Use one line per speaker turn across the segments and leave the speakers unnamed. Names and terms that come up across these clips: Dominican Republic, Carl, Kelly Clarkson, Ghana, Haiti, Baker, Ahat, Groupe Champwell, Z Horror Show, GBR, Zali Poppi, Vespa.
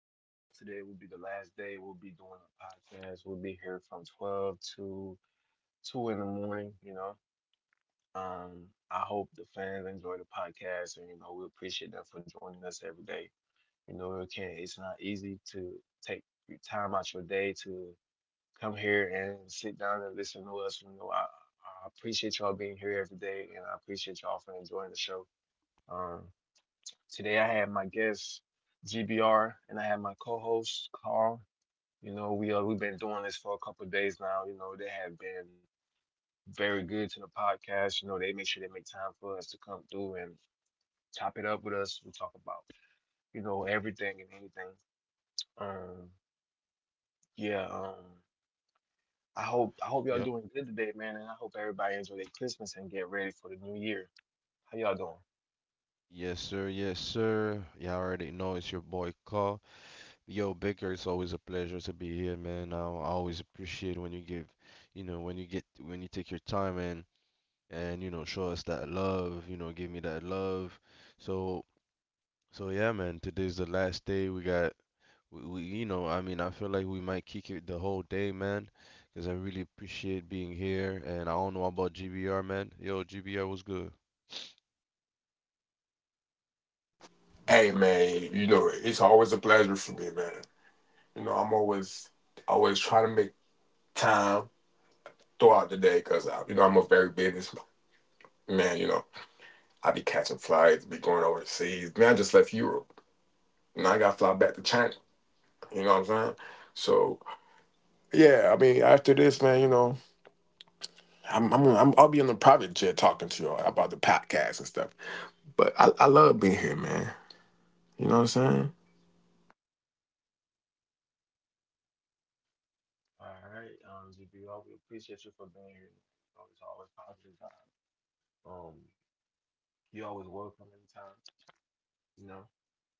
in the world. Today will be the last day we'll be doing the podcast. We'll be here from 12 to 2 in the morning, you know. I hope the fans enjoy the podcast and, you know, we appreciate them for joining us every day. You know, it's not easy to take your time out your day to come here and sit down and listen to us. You know, I appreciate y'all being here every day and I appreciate y'all for enjoying the show. Um, Today I have my guest GBR and I have my co-host Carl. You know, we've been doing this for a couple of days now. You know, they have been very good to the podcast. You know, they make sure they make time for us to come through and chop it up with us. We talk about, everything and anything. Um, yeah, um, I hope y'all
Yep.
doing good today, man, and I hope everybody enjoy their Christmas and get ready for the new year. How y'all doing?
Yes, sir. Yes, sir. You already know it's your boy Carl. Yo, Baker, it's always a pleasure to be here, man. I always appreciate when you give, when you get, when you take your time and show us that love. You know, give me that love. So, so yeah, man. Today's the last day. We I mean, I feel like we might kick it the whole day, man, because I really appreciate being here. And I don't know about GBR, man. Yo, GBR was good.
Hey man, you know it's always a pleasure for me, man. You know I'm always trying to make time throughout the day because you know I'm a very busy man. You know I be catching flights, be going overseas. Man, I just left Europe and I got to fly back to China. You know what I'm saying? So yeah, I mean after this, man, you know I'm I'll be on the private jet talking to y'all about the podcast and stuff. But I love being here, man. You know what I'm saying?
All right, GBR, we appreciate you for being here, man. Always, always positive vibe. You always welcome anytime. You know,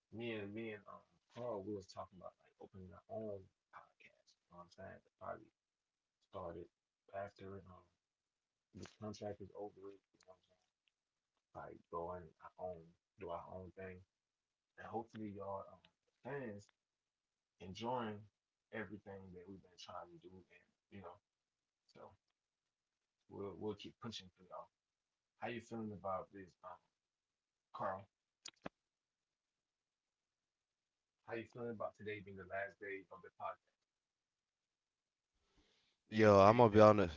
me and Carl, we was talking about like opening our own podcast. You know what I'm saying? To probably start it after the contract is over. You know what I'm saying? Like go on our own, do our own thing, and hopefully y'all fans enjoying everything that we've been trying to do, and you know, so we'll keep pushing for y'all. How you feeling about this, Carl? How you feeling about today being the last day of the podcast?
Yo,
Do
I'm
you
gonna be
think
honest.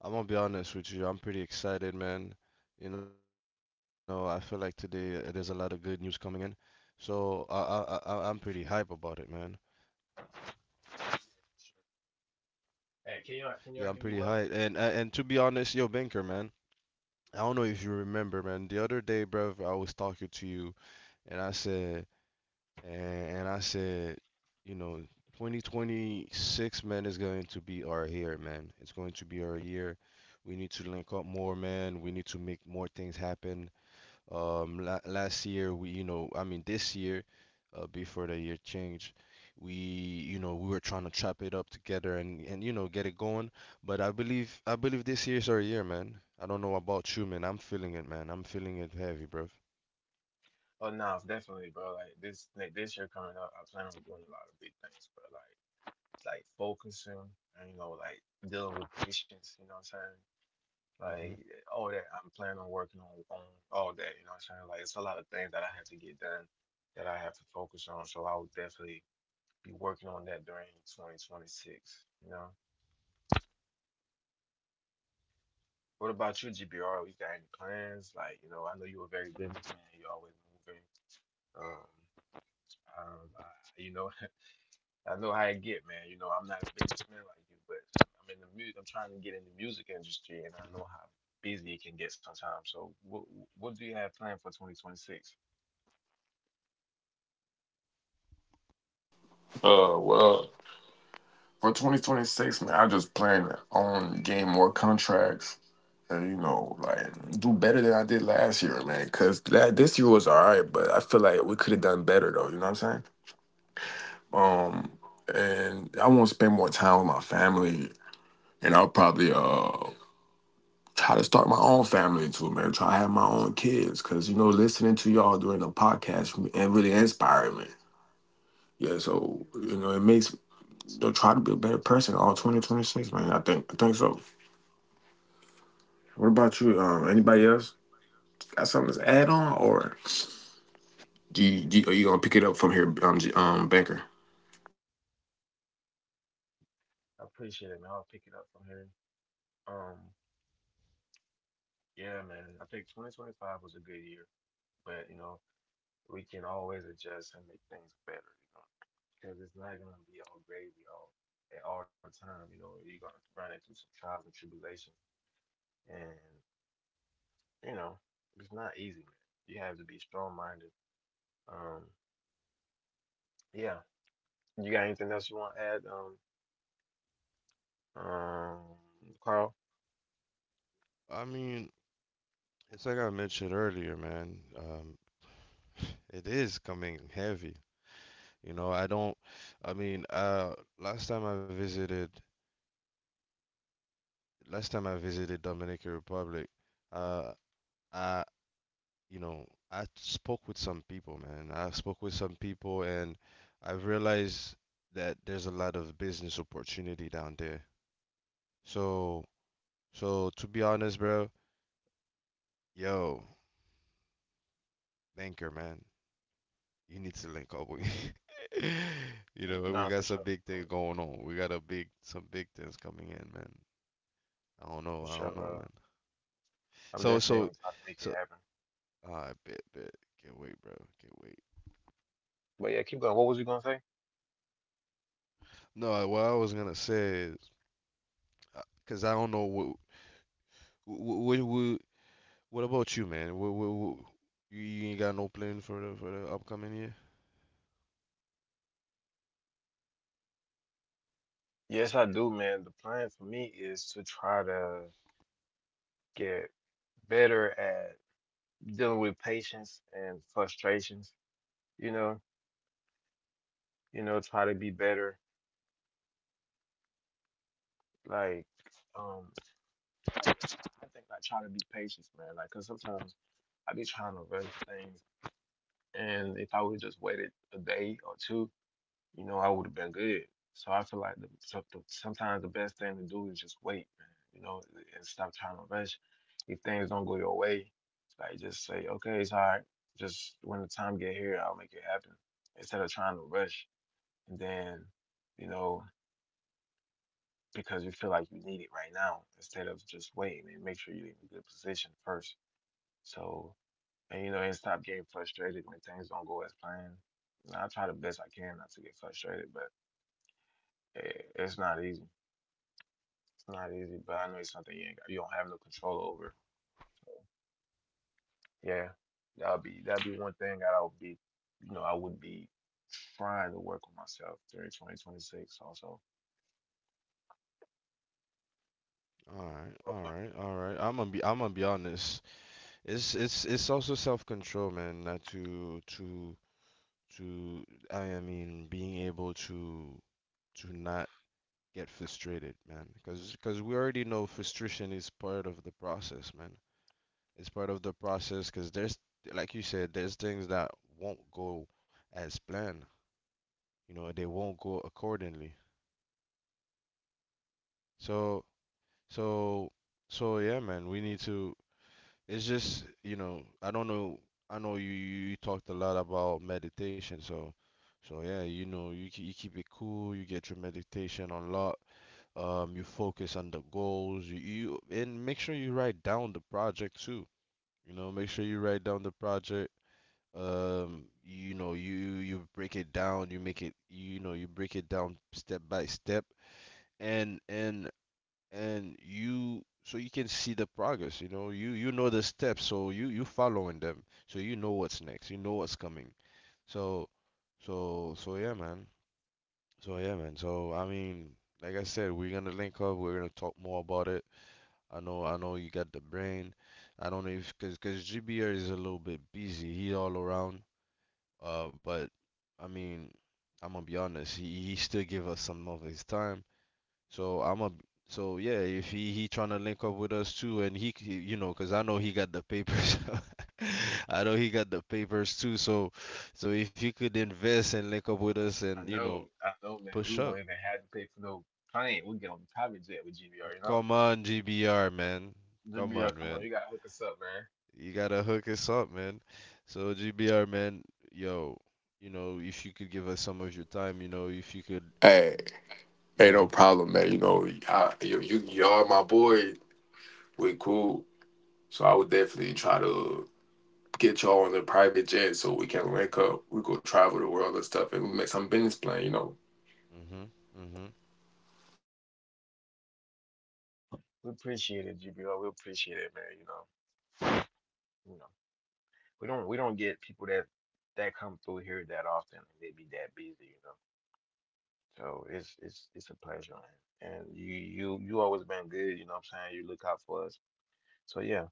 I'm gonna be honest with you. I'm pretty excited, man. You know, I feel like today there's a lot of good news coming in, so I'm pretty hype about it, man.
Hey, can y'all can
Yeah,
y'all
I'm
hear me
pretty
well?
hype. And to be honest, yo, Banker, man, I don't know if you remember, man. The other day, bruv, I was talking to you, and I said, and I said, you know, 2026, man, is going to be our year, man. It's going to be our year. We need to link up more, man. We need to make more things happen. La Last year we, I mean this year, before the year change, we, you know, we were trying to chop it up together and you know get it going. But I believe this year's our year, man. I don't know about you, man. I'm feeling it, man. I'm feeling it heavy, bro.
Oh no, definitely, bro. Like this year coming up, I plan on doing a lot of big things, bro. Like focusing and you know, like dealing with patience, you know what I'm saying? Like
hmm
all that I'm planning on working on all that, you know what I'm saying? Like it's a lot of things that I have to get done that I have to focus on. So I will definitely be working on that during 2026, you know? What about you, GBR? You got any plans? Like, you know, I know you were very busy, man. You always moving. Um, Um, I, you know, I know how it get, man. You know, I'm not a businessman like you, but I'm in the music. I'm trying to get in the music industry, and I know how busy it can get sometimes. So, what do you have planned for 2026?
Uh, well. For 2026, man, I just plan on getting more contracts and, you know, like do better than I did last year, man. Cause la this year was all right, but I feel like we could have done better though, you know what I'm saying? Um, and I want to spend more time with my family and I'll probably, try to start my own family too, man. Try to have my own kids, cause you know, listening to y'all during the podcast and really inspired me. Yeah, so you know, it makes, you know, try to be a better person all 2026, man. I think so. What about you? Anybody else got something to add on, or are you gonna pick it up from here, Banker?
I appreciate it, man. I'll pick it up from here. Um, yeah, man. I think 2025 was a good year, but you know, we can always adjust and make things better. You know, because it's not gonna be all gravy all the time. You know, you're gonna run into some trials and tribulations, and you know, it's not easy, man. You have to be strong minded. Um, yeah. You got anything else you want to add, um, um, Carl?
I mean, it's like I mentioned earlier, man. It is coming heavy. You know, I don't. I mean, uh, last time I visited, last time I visited Dominican Republic, uh, I you know, I spoke with some people, man. I spoke with some people and I realized that there's a lot of business opportunity down there. So, so to be honest, bro, yo, banker, man, you need to link up with me. You know, we
Nah,
got
for
some
sure.
big thing going on. We got a big, some big things coming in, man. I
For
don't
sure,
know, man.
bro.
So,
I'm
so,
definitely gonna try to
so,
make it happen.
I bet, bet. Can't wait, bro. Can't wait.
But yeah, keep going. What was you gonna say?
No, what I was gonna say is, because I don't know what What, what, what about you, man? You ain't got no plan for the upcoming year?
Yes, I do, man. The plan for me is to try to get better at dealing with patience and frustrations. You know, you know, try to be better. Like, um, I think I try to be patient, man. Like, cause sometimes I be trying to rush things, and if I would just waited a day or two, you know, I would have been good. So I feel like sometimes the best thing to do is just wait, man. You know, and stop trying to rush. If things don't go your way, like just say, okay, it's all right. Just when the time get here, I'll make it happen. Instead of trying to rush, and then, you know, because you feel like you need it right now, instead of just waiting and make sure you're in a good position first. So and you know, and stop getting frustrated when things don't go as planned. And I try the best I can not to get frustrated, but it's not easy. It's not easy, but I know it's something you ain't got, you don't have no control over. So yeah, that'll be one thing that I'll be, you know, I would be trying to work on myself during 2026 also.
All right, all right, all right. I'm gonna be honest. It's It's also self-control, man, not to to I mean being able to not get frustrated, man, because we already know frustration is part of the process, man. It's part of the process because there's like you said, there's things that won't go as planned. You know, they won't go accordingly. So, so, so yeah, man, we need to. It's just, you know, I don't know. I know you talked a lot about meditation, so yeah, you know, you keep it cool, you get your meditation on lot, you focus on the goals, you and make sure you write down the project too. You know, make sure you write down the project. You know, you break it down, you make it, you know, you break it down step by step and and and you so you can see the progress. You know you know the steps, so you following them, so you know what's next, you know what's coming. So so so yeah man so yeah, man, I mean, like I said, we're gonna link up, we're gonna talk more about it. I know you got the brain. I don't know if because GBR is a little bit busy, he's all around. But I mean, I'm gonna be honest, he still give us some of his time. So I'm a so yeah, if he trying to link up with us too, and you know, 'cause I know he got the papers. I know he got the papers too. So so if he could invest and link up with us and you know
I know, man.
push
We
up,
won't even have to pay for no plane. We'll get on the private jet with GBR, you know?
come on GBR man, come
GBR,
on
come on,
man,
you gotta hook us up, man.
you gotta hook us up man. So GBR man, yo, you know if you could give us some of your time, you know if you could,
Hey, hey, no
yo,
problem, man. You know, I, you y'all my boy. We cool. So I would definitely try to get y'all on the private jet so we can link up. We go travel the world and stuff, and we make some business plan. You know.
mhm, mhm.
We appreciate it, GBR. We appreciate it, man. You know. We don't get people that come through here that often and they be that busy, you know. So it's it's a pleasure, man. And you you always been good, you know what I'm saying? You look out for us. So yeah.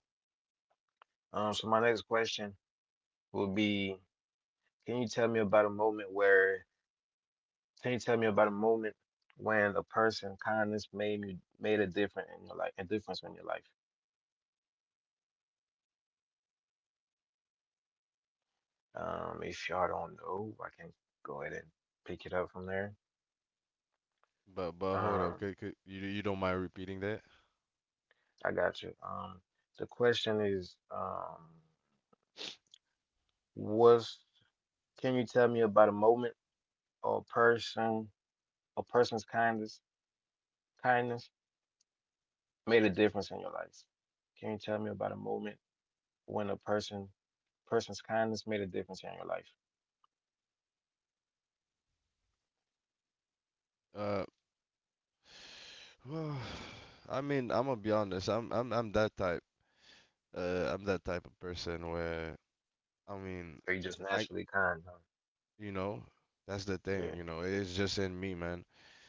So my next question would be can you tell me about a moment where can you tell me about a moment when a person kindness made me made a difference in your life a difference in your life? If y'all don't know, I can go ahead and pick it up from there.
But hold up,
um.
you you don't mind repeating that?
I got you. The question is, what's can you tell me about a moment or person or person's kindness made a difference in your life? Can you tell me about a moment when a person's kindness made a difference in your life?
Uh. I mean, I'm gonna be honest. I'm that type. I'm that type of person where I mean,
Are you just
I
naturally kind, huh?
you know, that's the thing.
Yeah,
You know, it's just in me, man.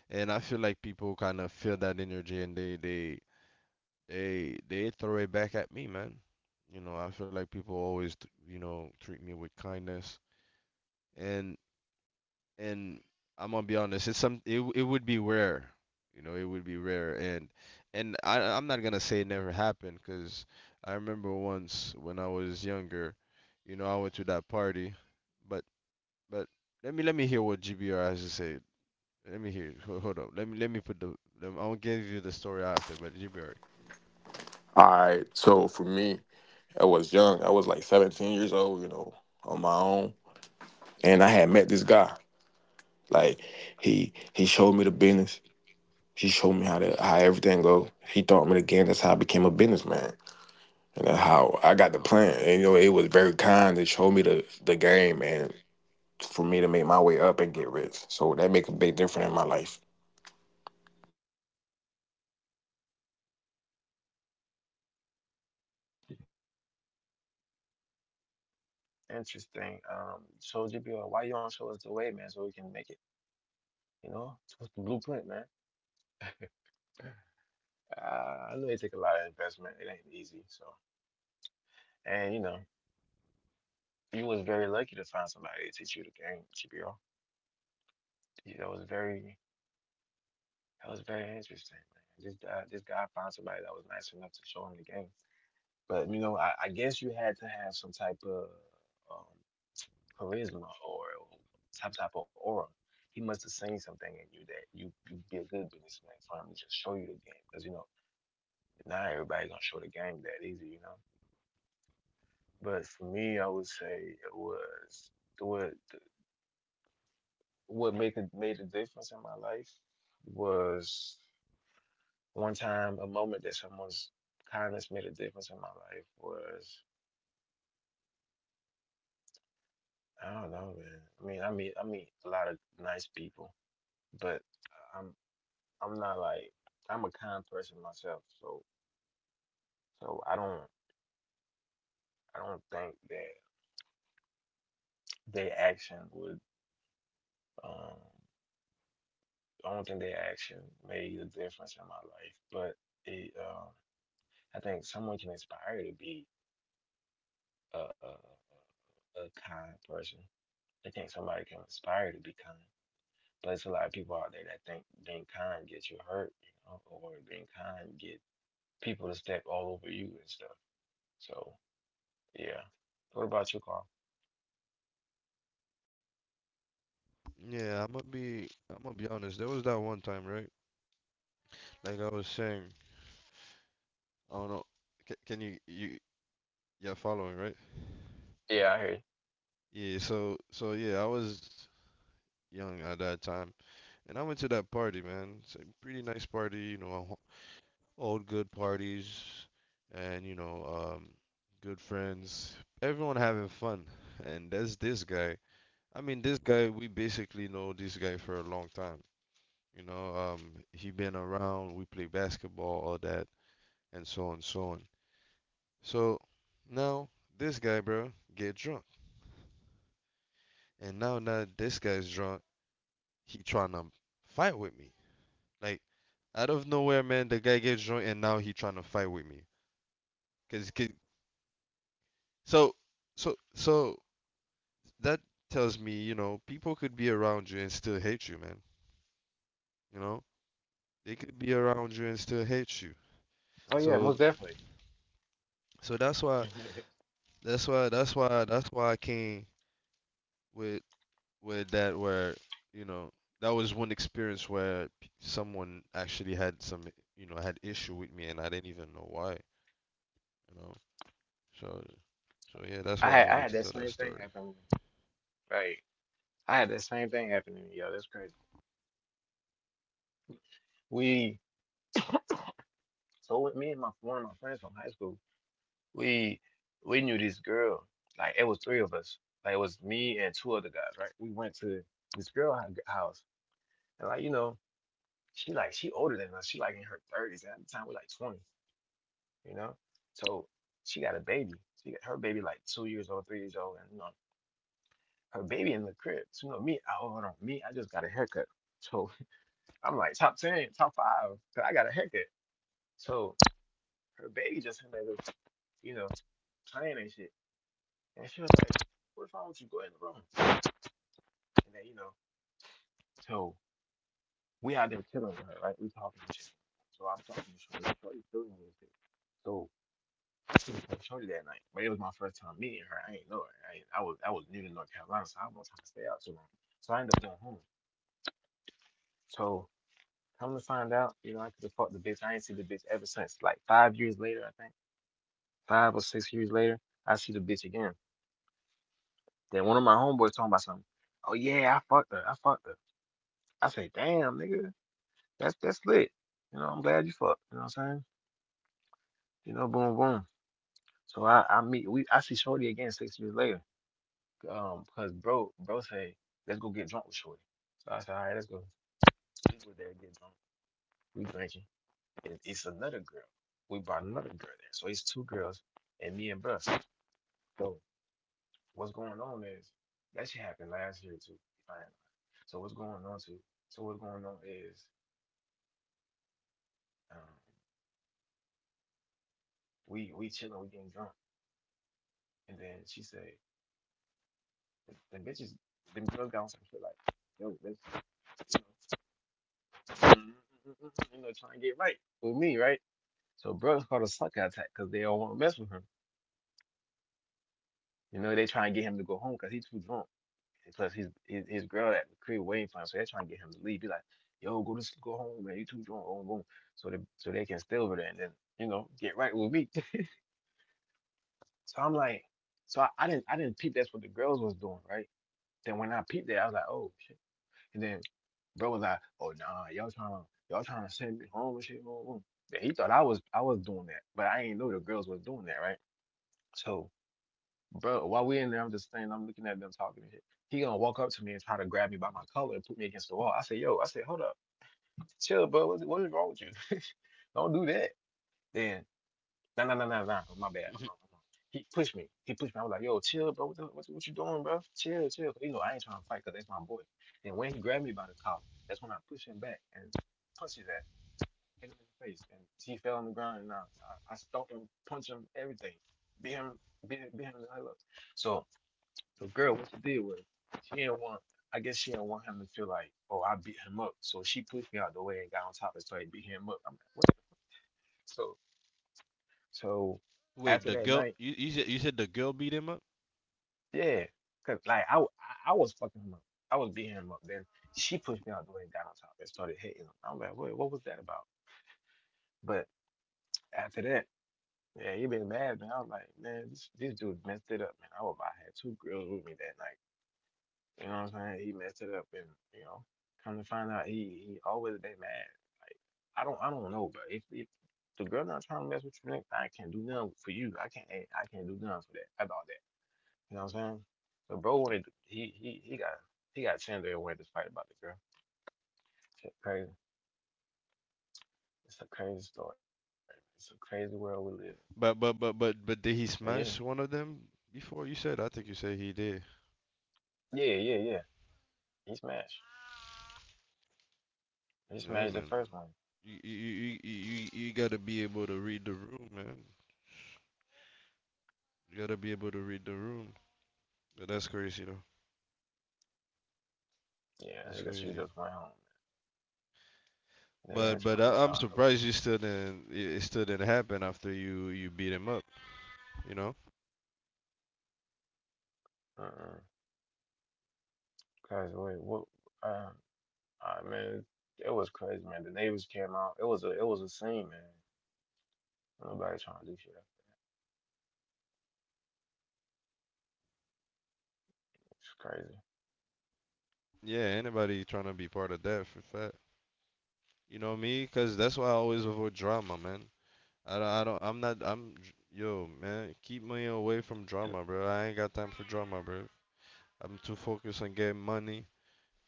And I feel like people kind of feel that energy and they throw it back at me, man. You know, I feel like people always you know treat me with kindness. And and I'm gonna be honest, it's some it w- it would be rare, you know, it would be rare, and I'm not gonna say it never happened because I remember once when I was younger, you know, I went to that party, but but let me hear what GBR has to say. Let me hear. Hold up. Let me put the. Let me, I'll give you the story after, but GBR.
All right. So for me, I was young. I was like 17 years old. You know, on my own, and I had met this guy. Like he showed me the business. He showed me how to how everything go. He taught me the game. That's how I became a businessman. And that's how I got the plan. And you know, it was very kind to show me the game and for me to make my way up and get rich. So that make a big difference in my life.
interesting. So GPR, why you don't show us the way, man, so we can make it? You know, what's the blueprint, man? I know it take a lot of investment. It ain't easy, so and you know. You was very lucky to find somebody to teach you the game, GBO. That was very interesting, man. This guy found somebody that was nice enough to show him the game. But you know, I guess you had to have some type of um, charisma or some type of aura. He must have seen something in you that you'd be a good businessman for him to just show you the game. Because you know, not everybody gonna show the game that easy, you know. But for me, I would say it was it was. What made the, made a difference in my life was one time a moment that someone's kindness made a difference in my life was I don't know, man. I mean, I meet a lot of nice people, but I'm I'm not like I'm a kind person myself, so I don't think that their action would um I don't think their action made a difference in my life, but it I think someone can inspire to be a, a a kind person. They think somebody can aspire to be kind. But there's a lot of people out there that think being kind gets you hurt, you know, or being kind get people to step all over you and stuff. So yeah. What about you, Carl?
Yeah, I'm gonna be honest. There was that one time, right? Like I was saying, I don't know. Can you you you're following, right?
Yeah, I hear you.
Yeah, so yeah, I was young at that time, and I went to that party, man. It's a pretty nice party, you know, all good parties, and you know, um, good friends, everyone having fun. And there's this guy. I mean, this guy, we basically know this guy for a long time. You know, he been around. We play basketball, all that, and so on, so on. So now this guy, bro, get drunk, and now now this guy's drunk. He trying to fight with me. Like out of nowhere, man, the guy gets joint and now he trying to fight with me. Cause cause so so so That tells me, you know, people could be around you and still hate you, man. You know, they could be around you and still hate you.
Oh yeah,
So
most definitely.
so that's why that's why that's why that's why I came with that where you know that was one experience where someone actually had some you know had issue with me and I didn't even know why. You know, so so yeah, that's
I
why I
had I
wanted
had
to
that
tell that
same thing
story.
happen to me. Like I had that same thing happen to me, yo. That's crazy. We so with me and my one of my friends from high school, we we knew this girl. Like it was three of us. Like it was me and two other guys, right? We went to this house, and like you know, she older than us. She like in her thirties, and at the time we're like 20, you know. So she got a baby. She got her baby like 2 years old, 3 years old, and you know her baby in the crib. So you know me, oh hold on, me, I just got a haircut. So I'm like top ten, top five, 'cause I got a haircut. So her baby just in there, you know, playing and shit, and she was like, what's wrong with you? Go in the room. And then, you know, so we out there chilling with her, right? We talking and shit. So I'm talking to Shorty, like, Shorty feeling me and So I seen some Shorty that night, but it was my first time meeting her. I ain't know her. I, ain't- I was new to North Carolina, so I wasn't trying to stay out too long. So I ended up going home. So come to find out, I could have fucked the bitch. I ain't seen the bitch ever since. Like 5 years later, I think. 5 or 6 years later, I see the bitch again. Then one of my homeboys talking about something. Oh yeah, I fucked her. I fucked her. I say, damn, nigga, that's lit. You know, I'm glad you fucked. You know what I'm saying? You know, boom, boom. So I meet we I see Shorty again 6 years later. Because bro said, let's go get drunk with Shorty. So I said, all right, let's go. We go there, get drunk. We drinking. And it's another girl. We brought another girl there. So it's two girls and me and bro. So what's going on is that shit happened last year too. If I ain't lying. So what's going on too? So what's going on is um we chilling, we getting drunk. And then she said, then bitches, them girls got on some shit like, yo, let's you know. Mm-hmm. Trying to get right with me, right? So brothers called a sucker attack because they don't want to mess with him. You know, they try and get him to go home because he's too drunk. And plus, his girl at the crib waiting for him, so they're trying to get him to leave. Be like, yo, go home, man. You too drunk. Boom, boom. So they can stay over there and then get right with me. So I'm like, so I didn't I didn't peep that's what the girls was doing, right? Then when I peeped that, I was like, oh shit. And then, bro was like, oh nah, y'all trying to send me home and shit. Boom, boom. Yeah, he thought I was doing that, but I ain't know the girls was doing that, right? So, bro, while we in there, I'm just standing, I'm looking at them talking and shit. He gonna walk up to me and try to grab me by my collar and put me against the wall. I said, yo, I said, hold up, chill, bro. What is wrong with you? Don't do that. Then, nah, nah, nah, nah, nah. My bad. I'm wrong. He pushed me. He pushed me. I was like, yo, chill, bro. What you doing, bro? Chill, chill. You know, I ain't trying to fight because that's my boy. And when he grabbed me by the collar, that's when I pushed him back and punched his ass. Hit him in the face, and he fell on the ground, and I stomped him, punched him, everything, beat him, beat him to high levels. So the girl, what she did was, she didn't want, I guess she didn't want him to feel like, oh, I beat him up. So she pushed me out the way and got on top and started beating him up. I'm like, what the fuck? So, so
Wait,
after
the
that
girl
night,
you said the girl beat him up?
yeah, cause like I was fucking him up. I was beating him up. Then she pushed me out the way and got on top and started hitting him. I'm like, what was that about? But after that. Yeah, he been bad, man. I was like, man, this dude messed it up, man. I had two girls with me that night. You know what I'm saying? He messed it up, and you know, come to find out, he always been mad. Like, I don't know, but if the girl not trying to mess with you, next, I can't do nothing for you. I can't do nothing for that about that. You know what I'm saying? So he got Chandler and wanted to fight about the girl. Shit, crazy. It's a crazy story. It's a crazy world we live in.
But
But
did he smash one of them before? You said I think you said he did.
yeah. He smashed. He smashed
Yeah,
the
man.
first one.
You gotta be able to read the room, man. You gotta be able to read the room. But that's crazy though.
Yeah, nigga, she
That's
just
crazy.
went home. Nigga ain't
But
trying to be
but
tired
I'm
no
surprised you still didn't it still didn't happen after you beat him up. You know?
place. Mm-mm. Cause wait, what? Um, I man, it was crazy, man. The neighbors came out. It was a scene, man. Nobody trying to do shit. It's crazy.
Yeah, anybody trying to be part of that for fat. You know me, cause that's why I always avoid drama, man. I don't, I'm not, I'm, yo, man, keep me away from
And
drama, bro. I ain't got time for drama, bro. I'm too focused on getting money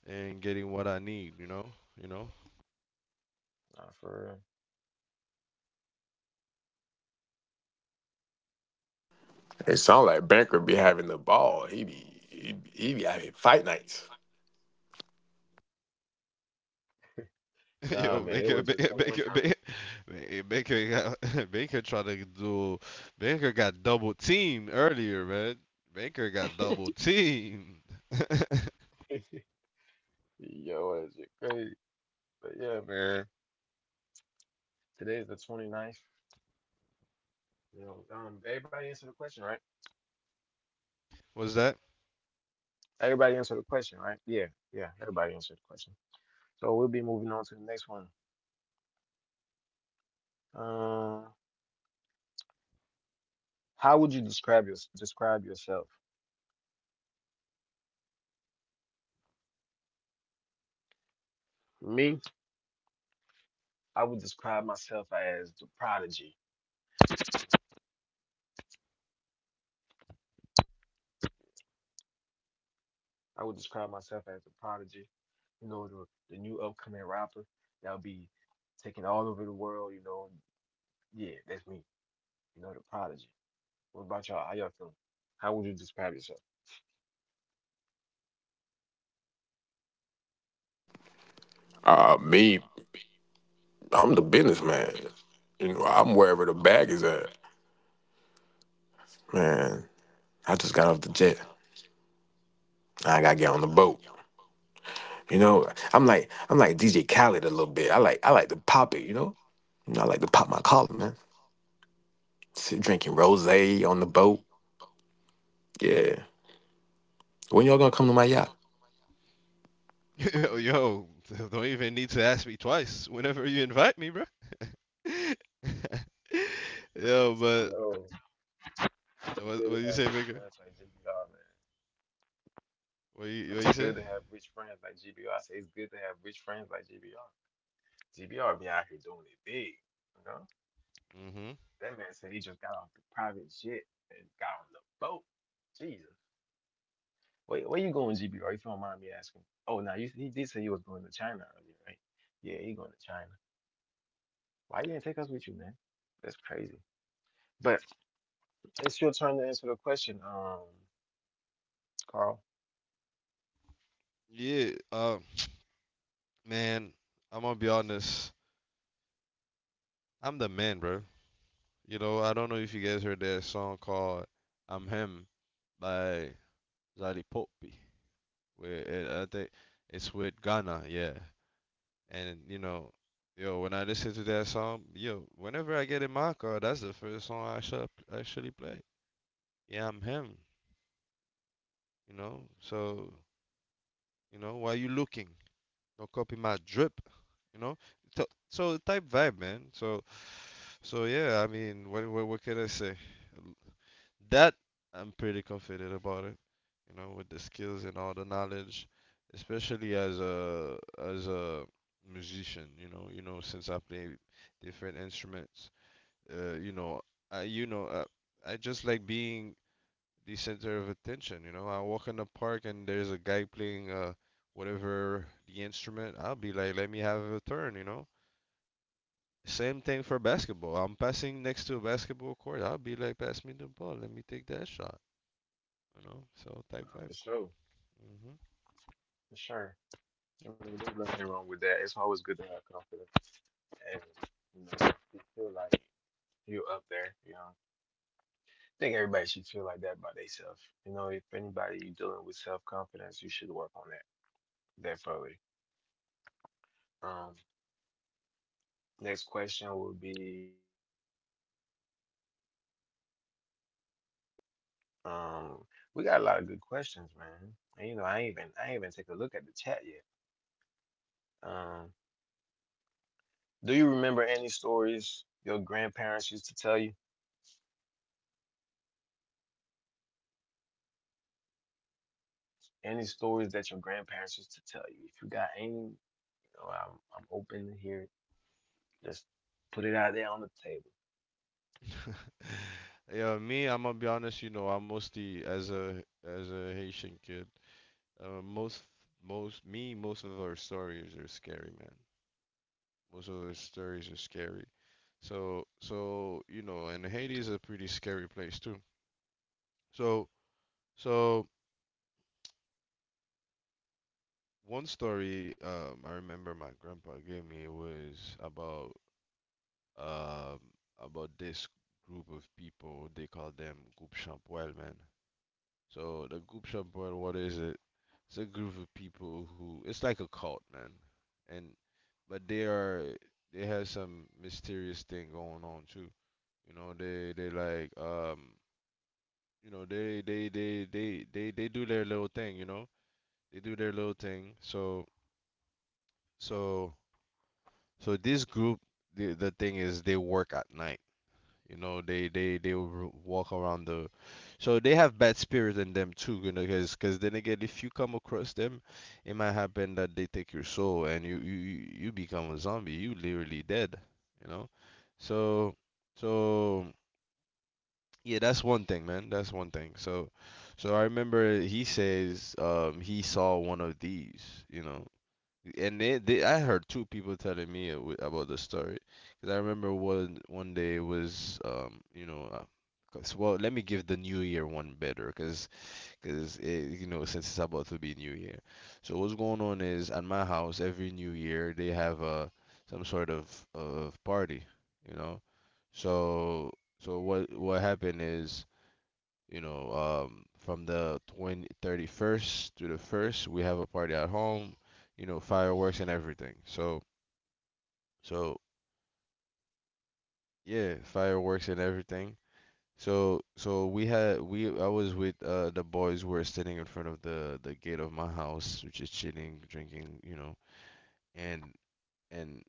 and getting what I need, you know? You know?
nah, for
It sounds like Banker be having the ball. He be having fight nights.
real. Nah,
Yo,
man, it
Baker,
was just
Baker,
that one
Baker,
time.
Baker, Baker, got, Baker tried to do, Baker got double teamed earlier, man. Baker got double teamed.
Yo, that shit crazy. But yeah, man. Today's the 29th. You know, everybody answer the question, right?
What's that?
Everybody answer the question, right? Yeah, yeah. Everybody answer the question. So we'll be moving on to the next one. Um. How would you describe describe yourself? Me? I would describe myself as the prodigy. I would describe myself as the prodigy. You know, the, the new upcoming rapper that'll be taking all over the world. You know, yeah, that's me. You know, the prodigy. What about y'all? How y'all feeling? How would you describe yourself?
Uh, me, I'm the businessman. You know, I'm wherever the bag is at. Man, I just got off the jet. I gotta get on the boat. You know, I'm like DJ Khaled a little bit. I like to pop it, you know? You know, I like to pop my collar, man. Sit drinking rose on the boat. Yeah. When y'all gonna come to my yacht?
Yo, yo, don't even need to ask me twice whenever you invite me, bro. Yo, but
Yo, I
what,
good to
do you
have
say,
rich
Baker?
friends like GBR, man.
What you
It's
say?
good to have rich friends like GBR. I say it's good to have rich friends like GBR. GBR be out here doing it big. You know.
Mm-hmm.
That man said he just got off the private jet and got on the boat. Jesus. Wait, where you going, GBR? If you don't mind me asking. Oh, now you he did say you was going to China earlier, right? Yeah, he going to China. Why you didn't take us with you, man? That's crazy. But it's your turn to answer the question, Carl.
Yeah. Man, I'm gonna be honest. I'm the man, bro. You know, I don't know if you guys heard that song called "I'm Him" by Zali Poppi. Where it, I think it's with Ghana, yeah. And you know, yo, when I listen to that song, yo, whenever I get in my car, that's the first song I should actually play. Yeah, I'm him. You know, you know, why you looking? Don't copy my drip, you know. So type vibe, man. So yeah. I mean, what can I say? That I'm pretty confident about it. You know, with the skills and all the knowledge, especially as a as a musician. You know, since I play different instruments, uh, you know, you know, I just like being the center of attention. You know, I walk in the park and there's a guy playing whatever the instrument. I'll be like, let me have a turn. You know. Same thing for basketball. I'm passing next to a basketball court. I'll be like, pass me the ball. Let me take that shot. You know, so type vibe.
For sure,
Hmm.
for sure. I mean, there's nothing wrong with that. It's always good to have confidence and you know you feel like you're up there. You know I think everybody should feel like that by themselves. You know, if anybody you dealing with self confidence, you should work on that definitely. Um, next question would be, um, we got a lot of good questions, man. And you know, I ain't even take a look at the chat yet. Um, do you remember any stories your grandparents used to tell you? Any stories that your grandparents used to tell you? If you got any, you know, I'm open to hear it. Just put it out there on the table.
Yeah, me. I'm gonna be honest. You know, I mostly as a Haitian kid, uh, most most of our stories are scary, man. Most of our stories are scary. So you know, and Haiti is a pretty scary place too. So so one story I remember my grandpa gave me was um, about this group of people. They call them Groupe Champwell, man. So the Groupe Champwell, what is it? It's a group of people who it's like a cult, man. And but they have some mysterious thing going on too. You know, they like they do their little thing, you know. They do their little thing. So so this group the thing is they work at night. You know, they will walk around so they have bad spirit in them too. You know, because then again, if you come across them, it might happen that they take your soul and you become a zombie. You literally dead. You know, so so, yeah, that's one thing, man. That's one thing. So I remember he says he saw one of these. You know, and they I heard two people telling me about the story because I remember one day it was 'cause well let me give the new year one better because you know since it's about to be new year, so what's going on is at my house every new year they have some sort of party, you know. So so what what happened is you know, from the 20, 31st to the 1st, we have a party at home, fireworks and everything. So, yeah, fireworks and everything. So, I was with the boys who were sitting in front of the gate of my house, just chilling, drinking, and, and,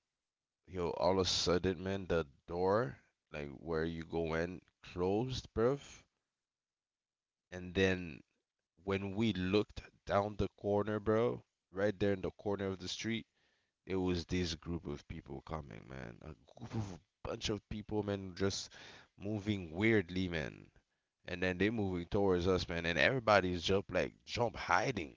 yo, all of a sudden, man, the door, like where you go in, closed, bruv. And then when we looked down the corner, bro, right there in the corner of the street, it was this group of people coming, man. A group of bunch of people, man, just moving weirdly, man. And then they moving towards us, man. And everybody's just like jump hiding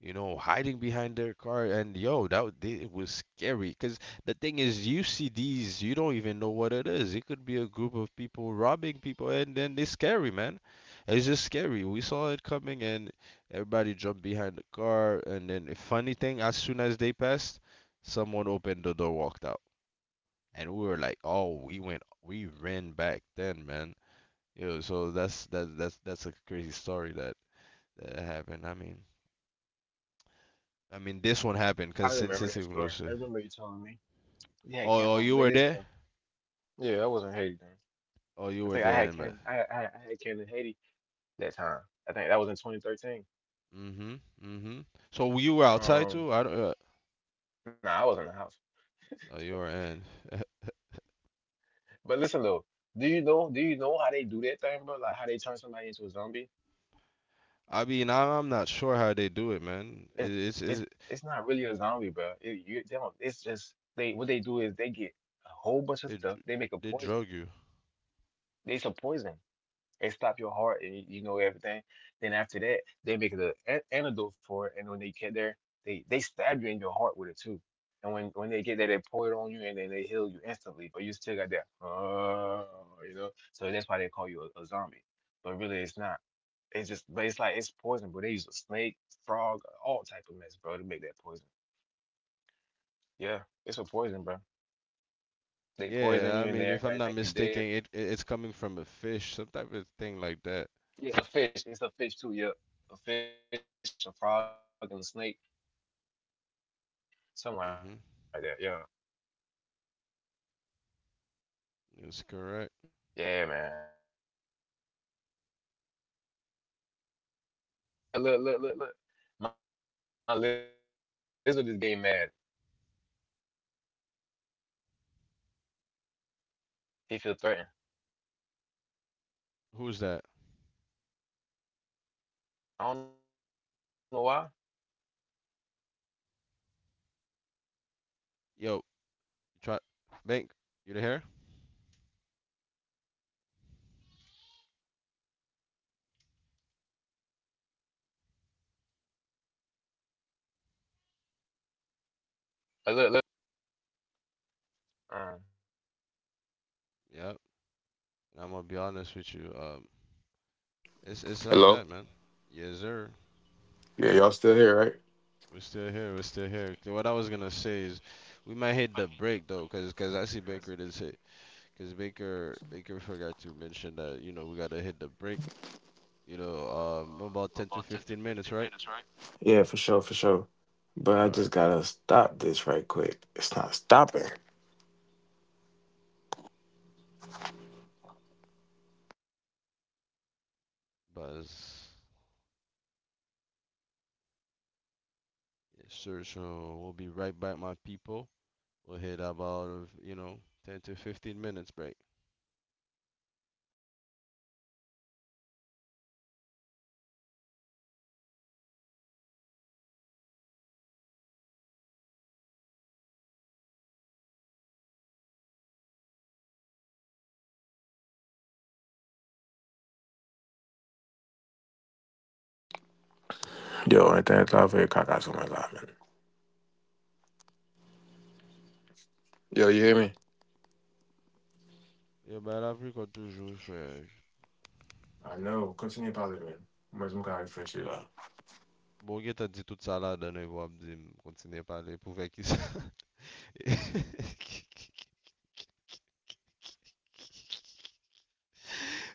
you know, hiding behind their car. And yo, it was scary. Because the thing is, you see these, you don't even know what it is. It could be a group of people robbing people, and then it's scary, man. It's just scary. We saw it coming, and everybody jumped behind the car. And then, a funny thing, as soon as they passed, someone opened the door, walked out, and we were like, oh, we ran back then, man. Yo, so that's a crazy story that happened. I mean. I mean, this one happened
I
because since
remember
it's
that story. I
inclusive.
remember you telling me. Yeah, I came
Oh,
home
you
late
were
as
there.
yeah, I was not Haiti then.
Oh, you were there, and but.
I had came to Haiti that time. I think that was in 2013.
Mhm. Mhm. So you were outside
Um,
too. I don't.
nah, I was in the house.
Oh, you were in.
But listen though, do you know how they do that thing, bro? Like how they turn somebody into a zombie?
I mean, I'm not sure how they do it, man. It,
It's
it's
it's
it,
it's not really a zombie, bro. It, you, they don't, it's just they what they do is they get a whole bunch of
it,
stuff. They make a
they
poison.
drug you.
They a poison. And stop your heart and you know everything. Then after that, they make the antidote for it, and when they get there, they stab you in your heart with it too. And when they get there, they pour it on you, and then they heal you instantly. But you still got that, you know. So that's why they call you a zombie. But really, it's not. It's just, but it's like it's poison, bro. They use a snake, frog, all type of mess, bro, to make that poison. Yeah, it's a poison, bro. They poison
Yeah, I
you, and then
mean, if I'm
everybody
not
think you
mistaken,
dead.
it's coming from a fish, some type of thing like that.
Yeah. It's a fish. It's a fish too. Yeah, a fish, a frog, and a snake, something
Mhm.
like that. Yeah.
That's correct.
Yeah, man, it's crazy. Like, look. My lizard is getting mad. He feel threatened.
Who's that?
I don't know why.
Yo, try bank. You the hair? Yep. And I'm gonna be honest with you. It's like
Hello?
that, man. Yes, sir.
Yeah, y'all still here, right?
We're still here. We're still here. K, what I was gonna say
You know,
is,
that'll be the
we
end of
might
the
hit the
podcast.
break though, cause I see Baker did say, cause Baker forgot to mention that we gotta hit the break. You know, about 10 to 15 minutes, right?
Hello.
Yeah, for sure, for sure. But I
All
just
right, but
gotta
Yeah, y'all
stop
still here,
this
right?
right quick. It's not stopping.
buzz. Yes, sir. So we'll be right back, my people. We'll hit about
Just right
ten to
quick.
fifteen minutes break.
Yo, right there, it's off here, cock out my lot, man. Yo, you hear me?
Yeah, ben là, plus qu'on toujours fait.
I know. Continue positive, man. Mas nunca vai frente lá.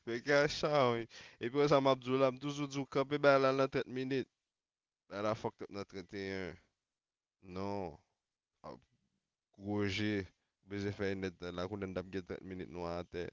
Fèkè a chan wè. Epi wè sa mabdou la, mdouzou djou kapè bè la lan 30 minit. Bè la fok top nan 31. Non. Goje. Beze fè net la kounen dap gen 30 minit nou an te.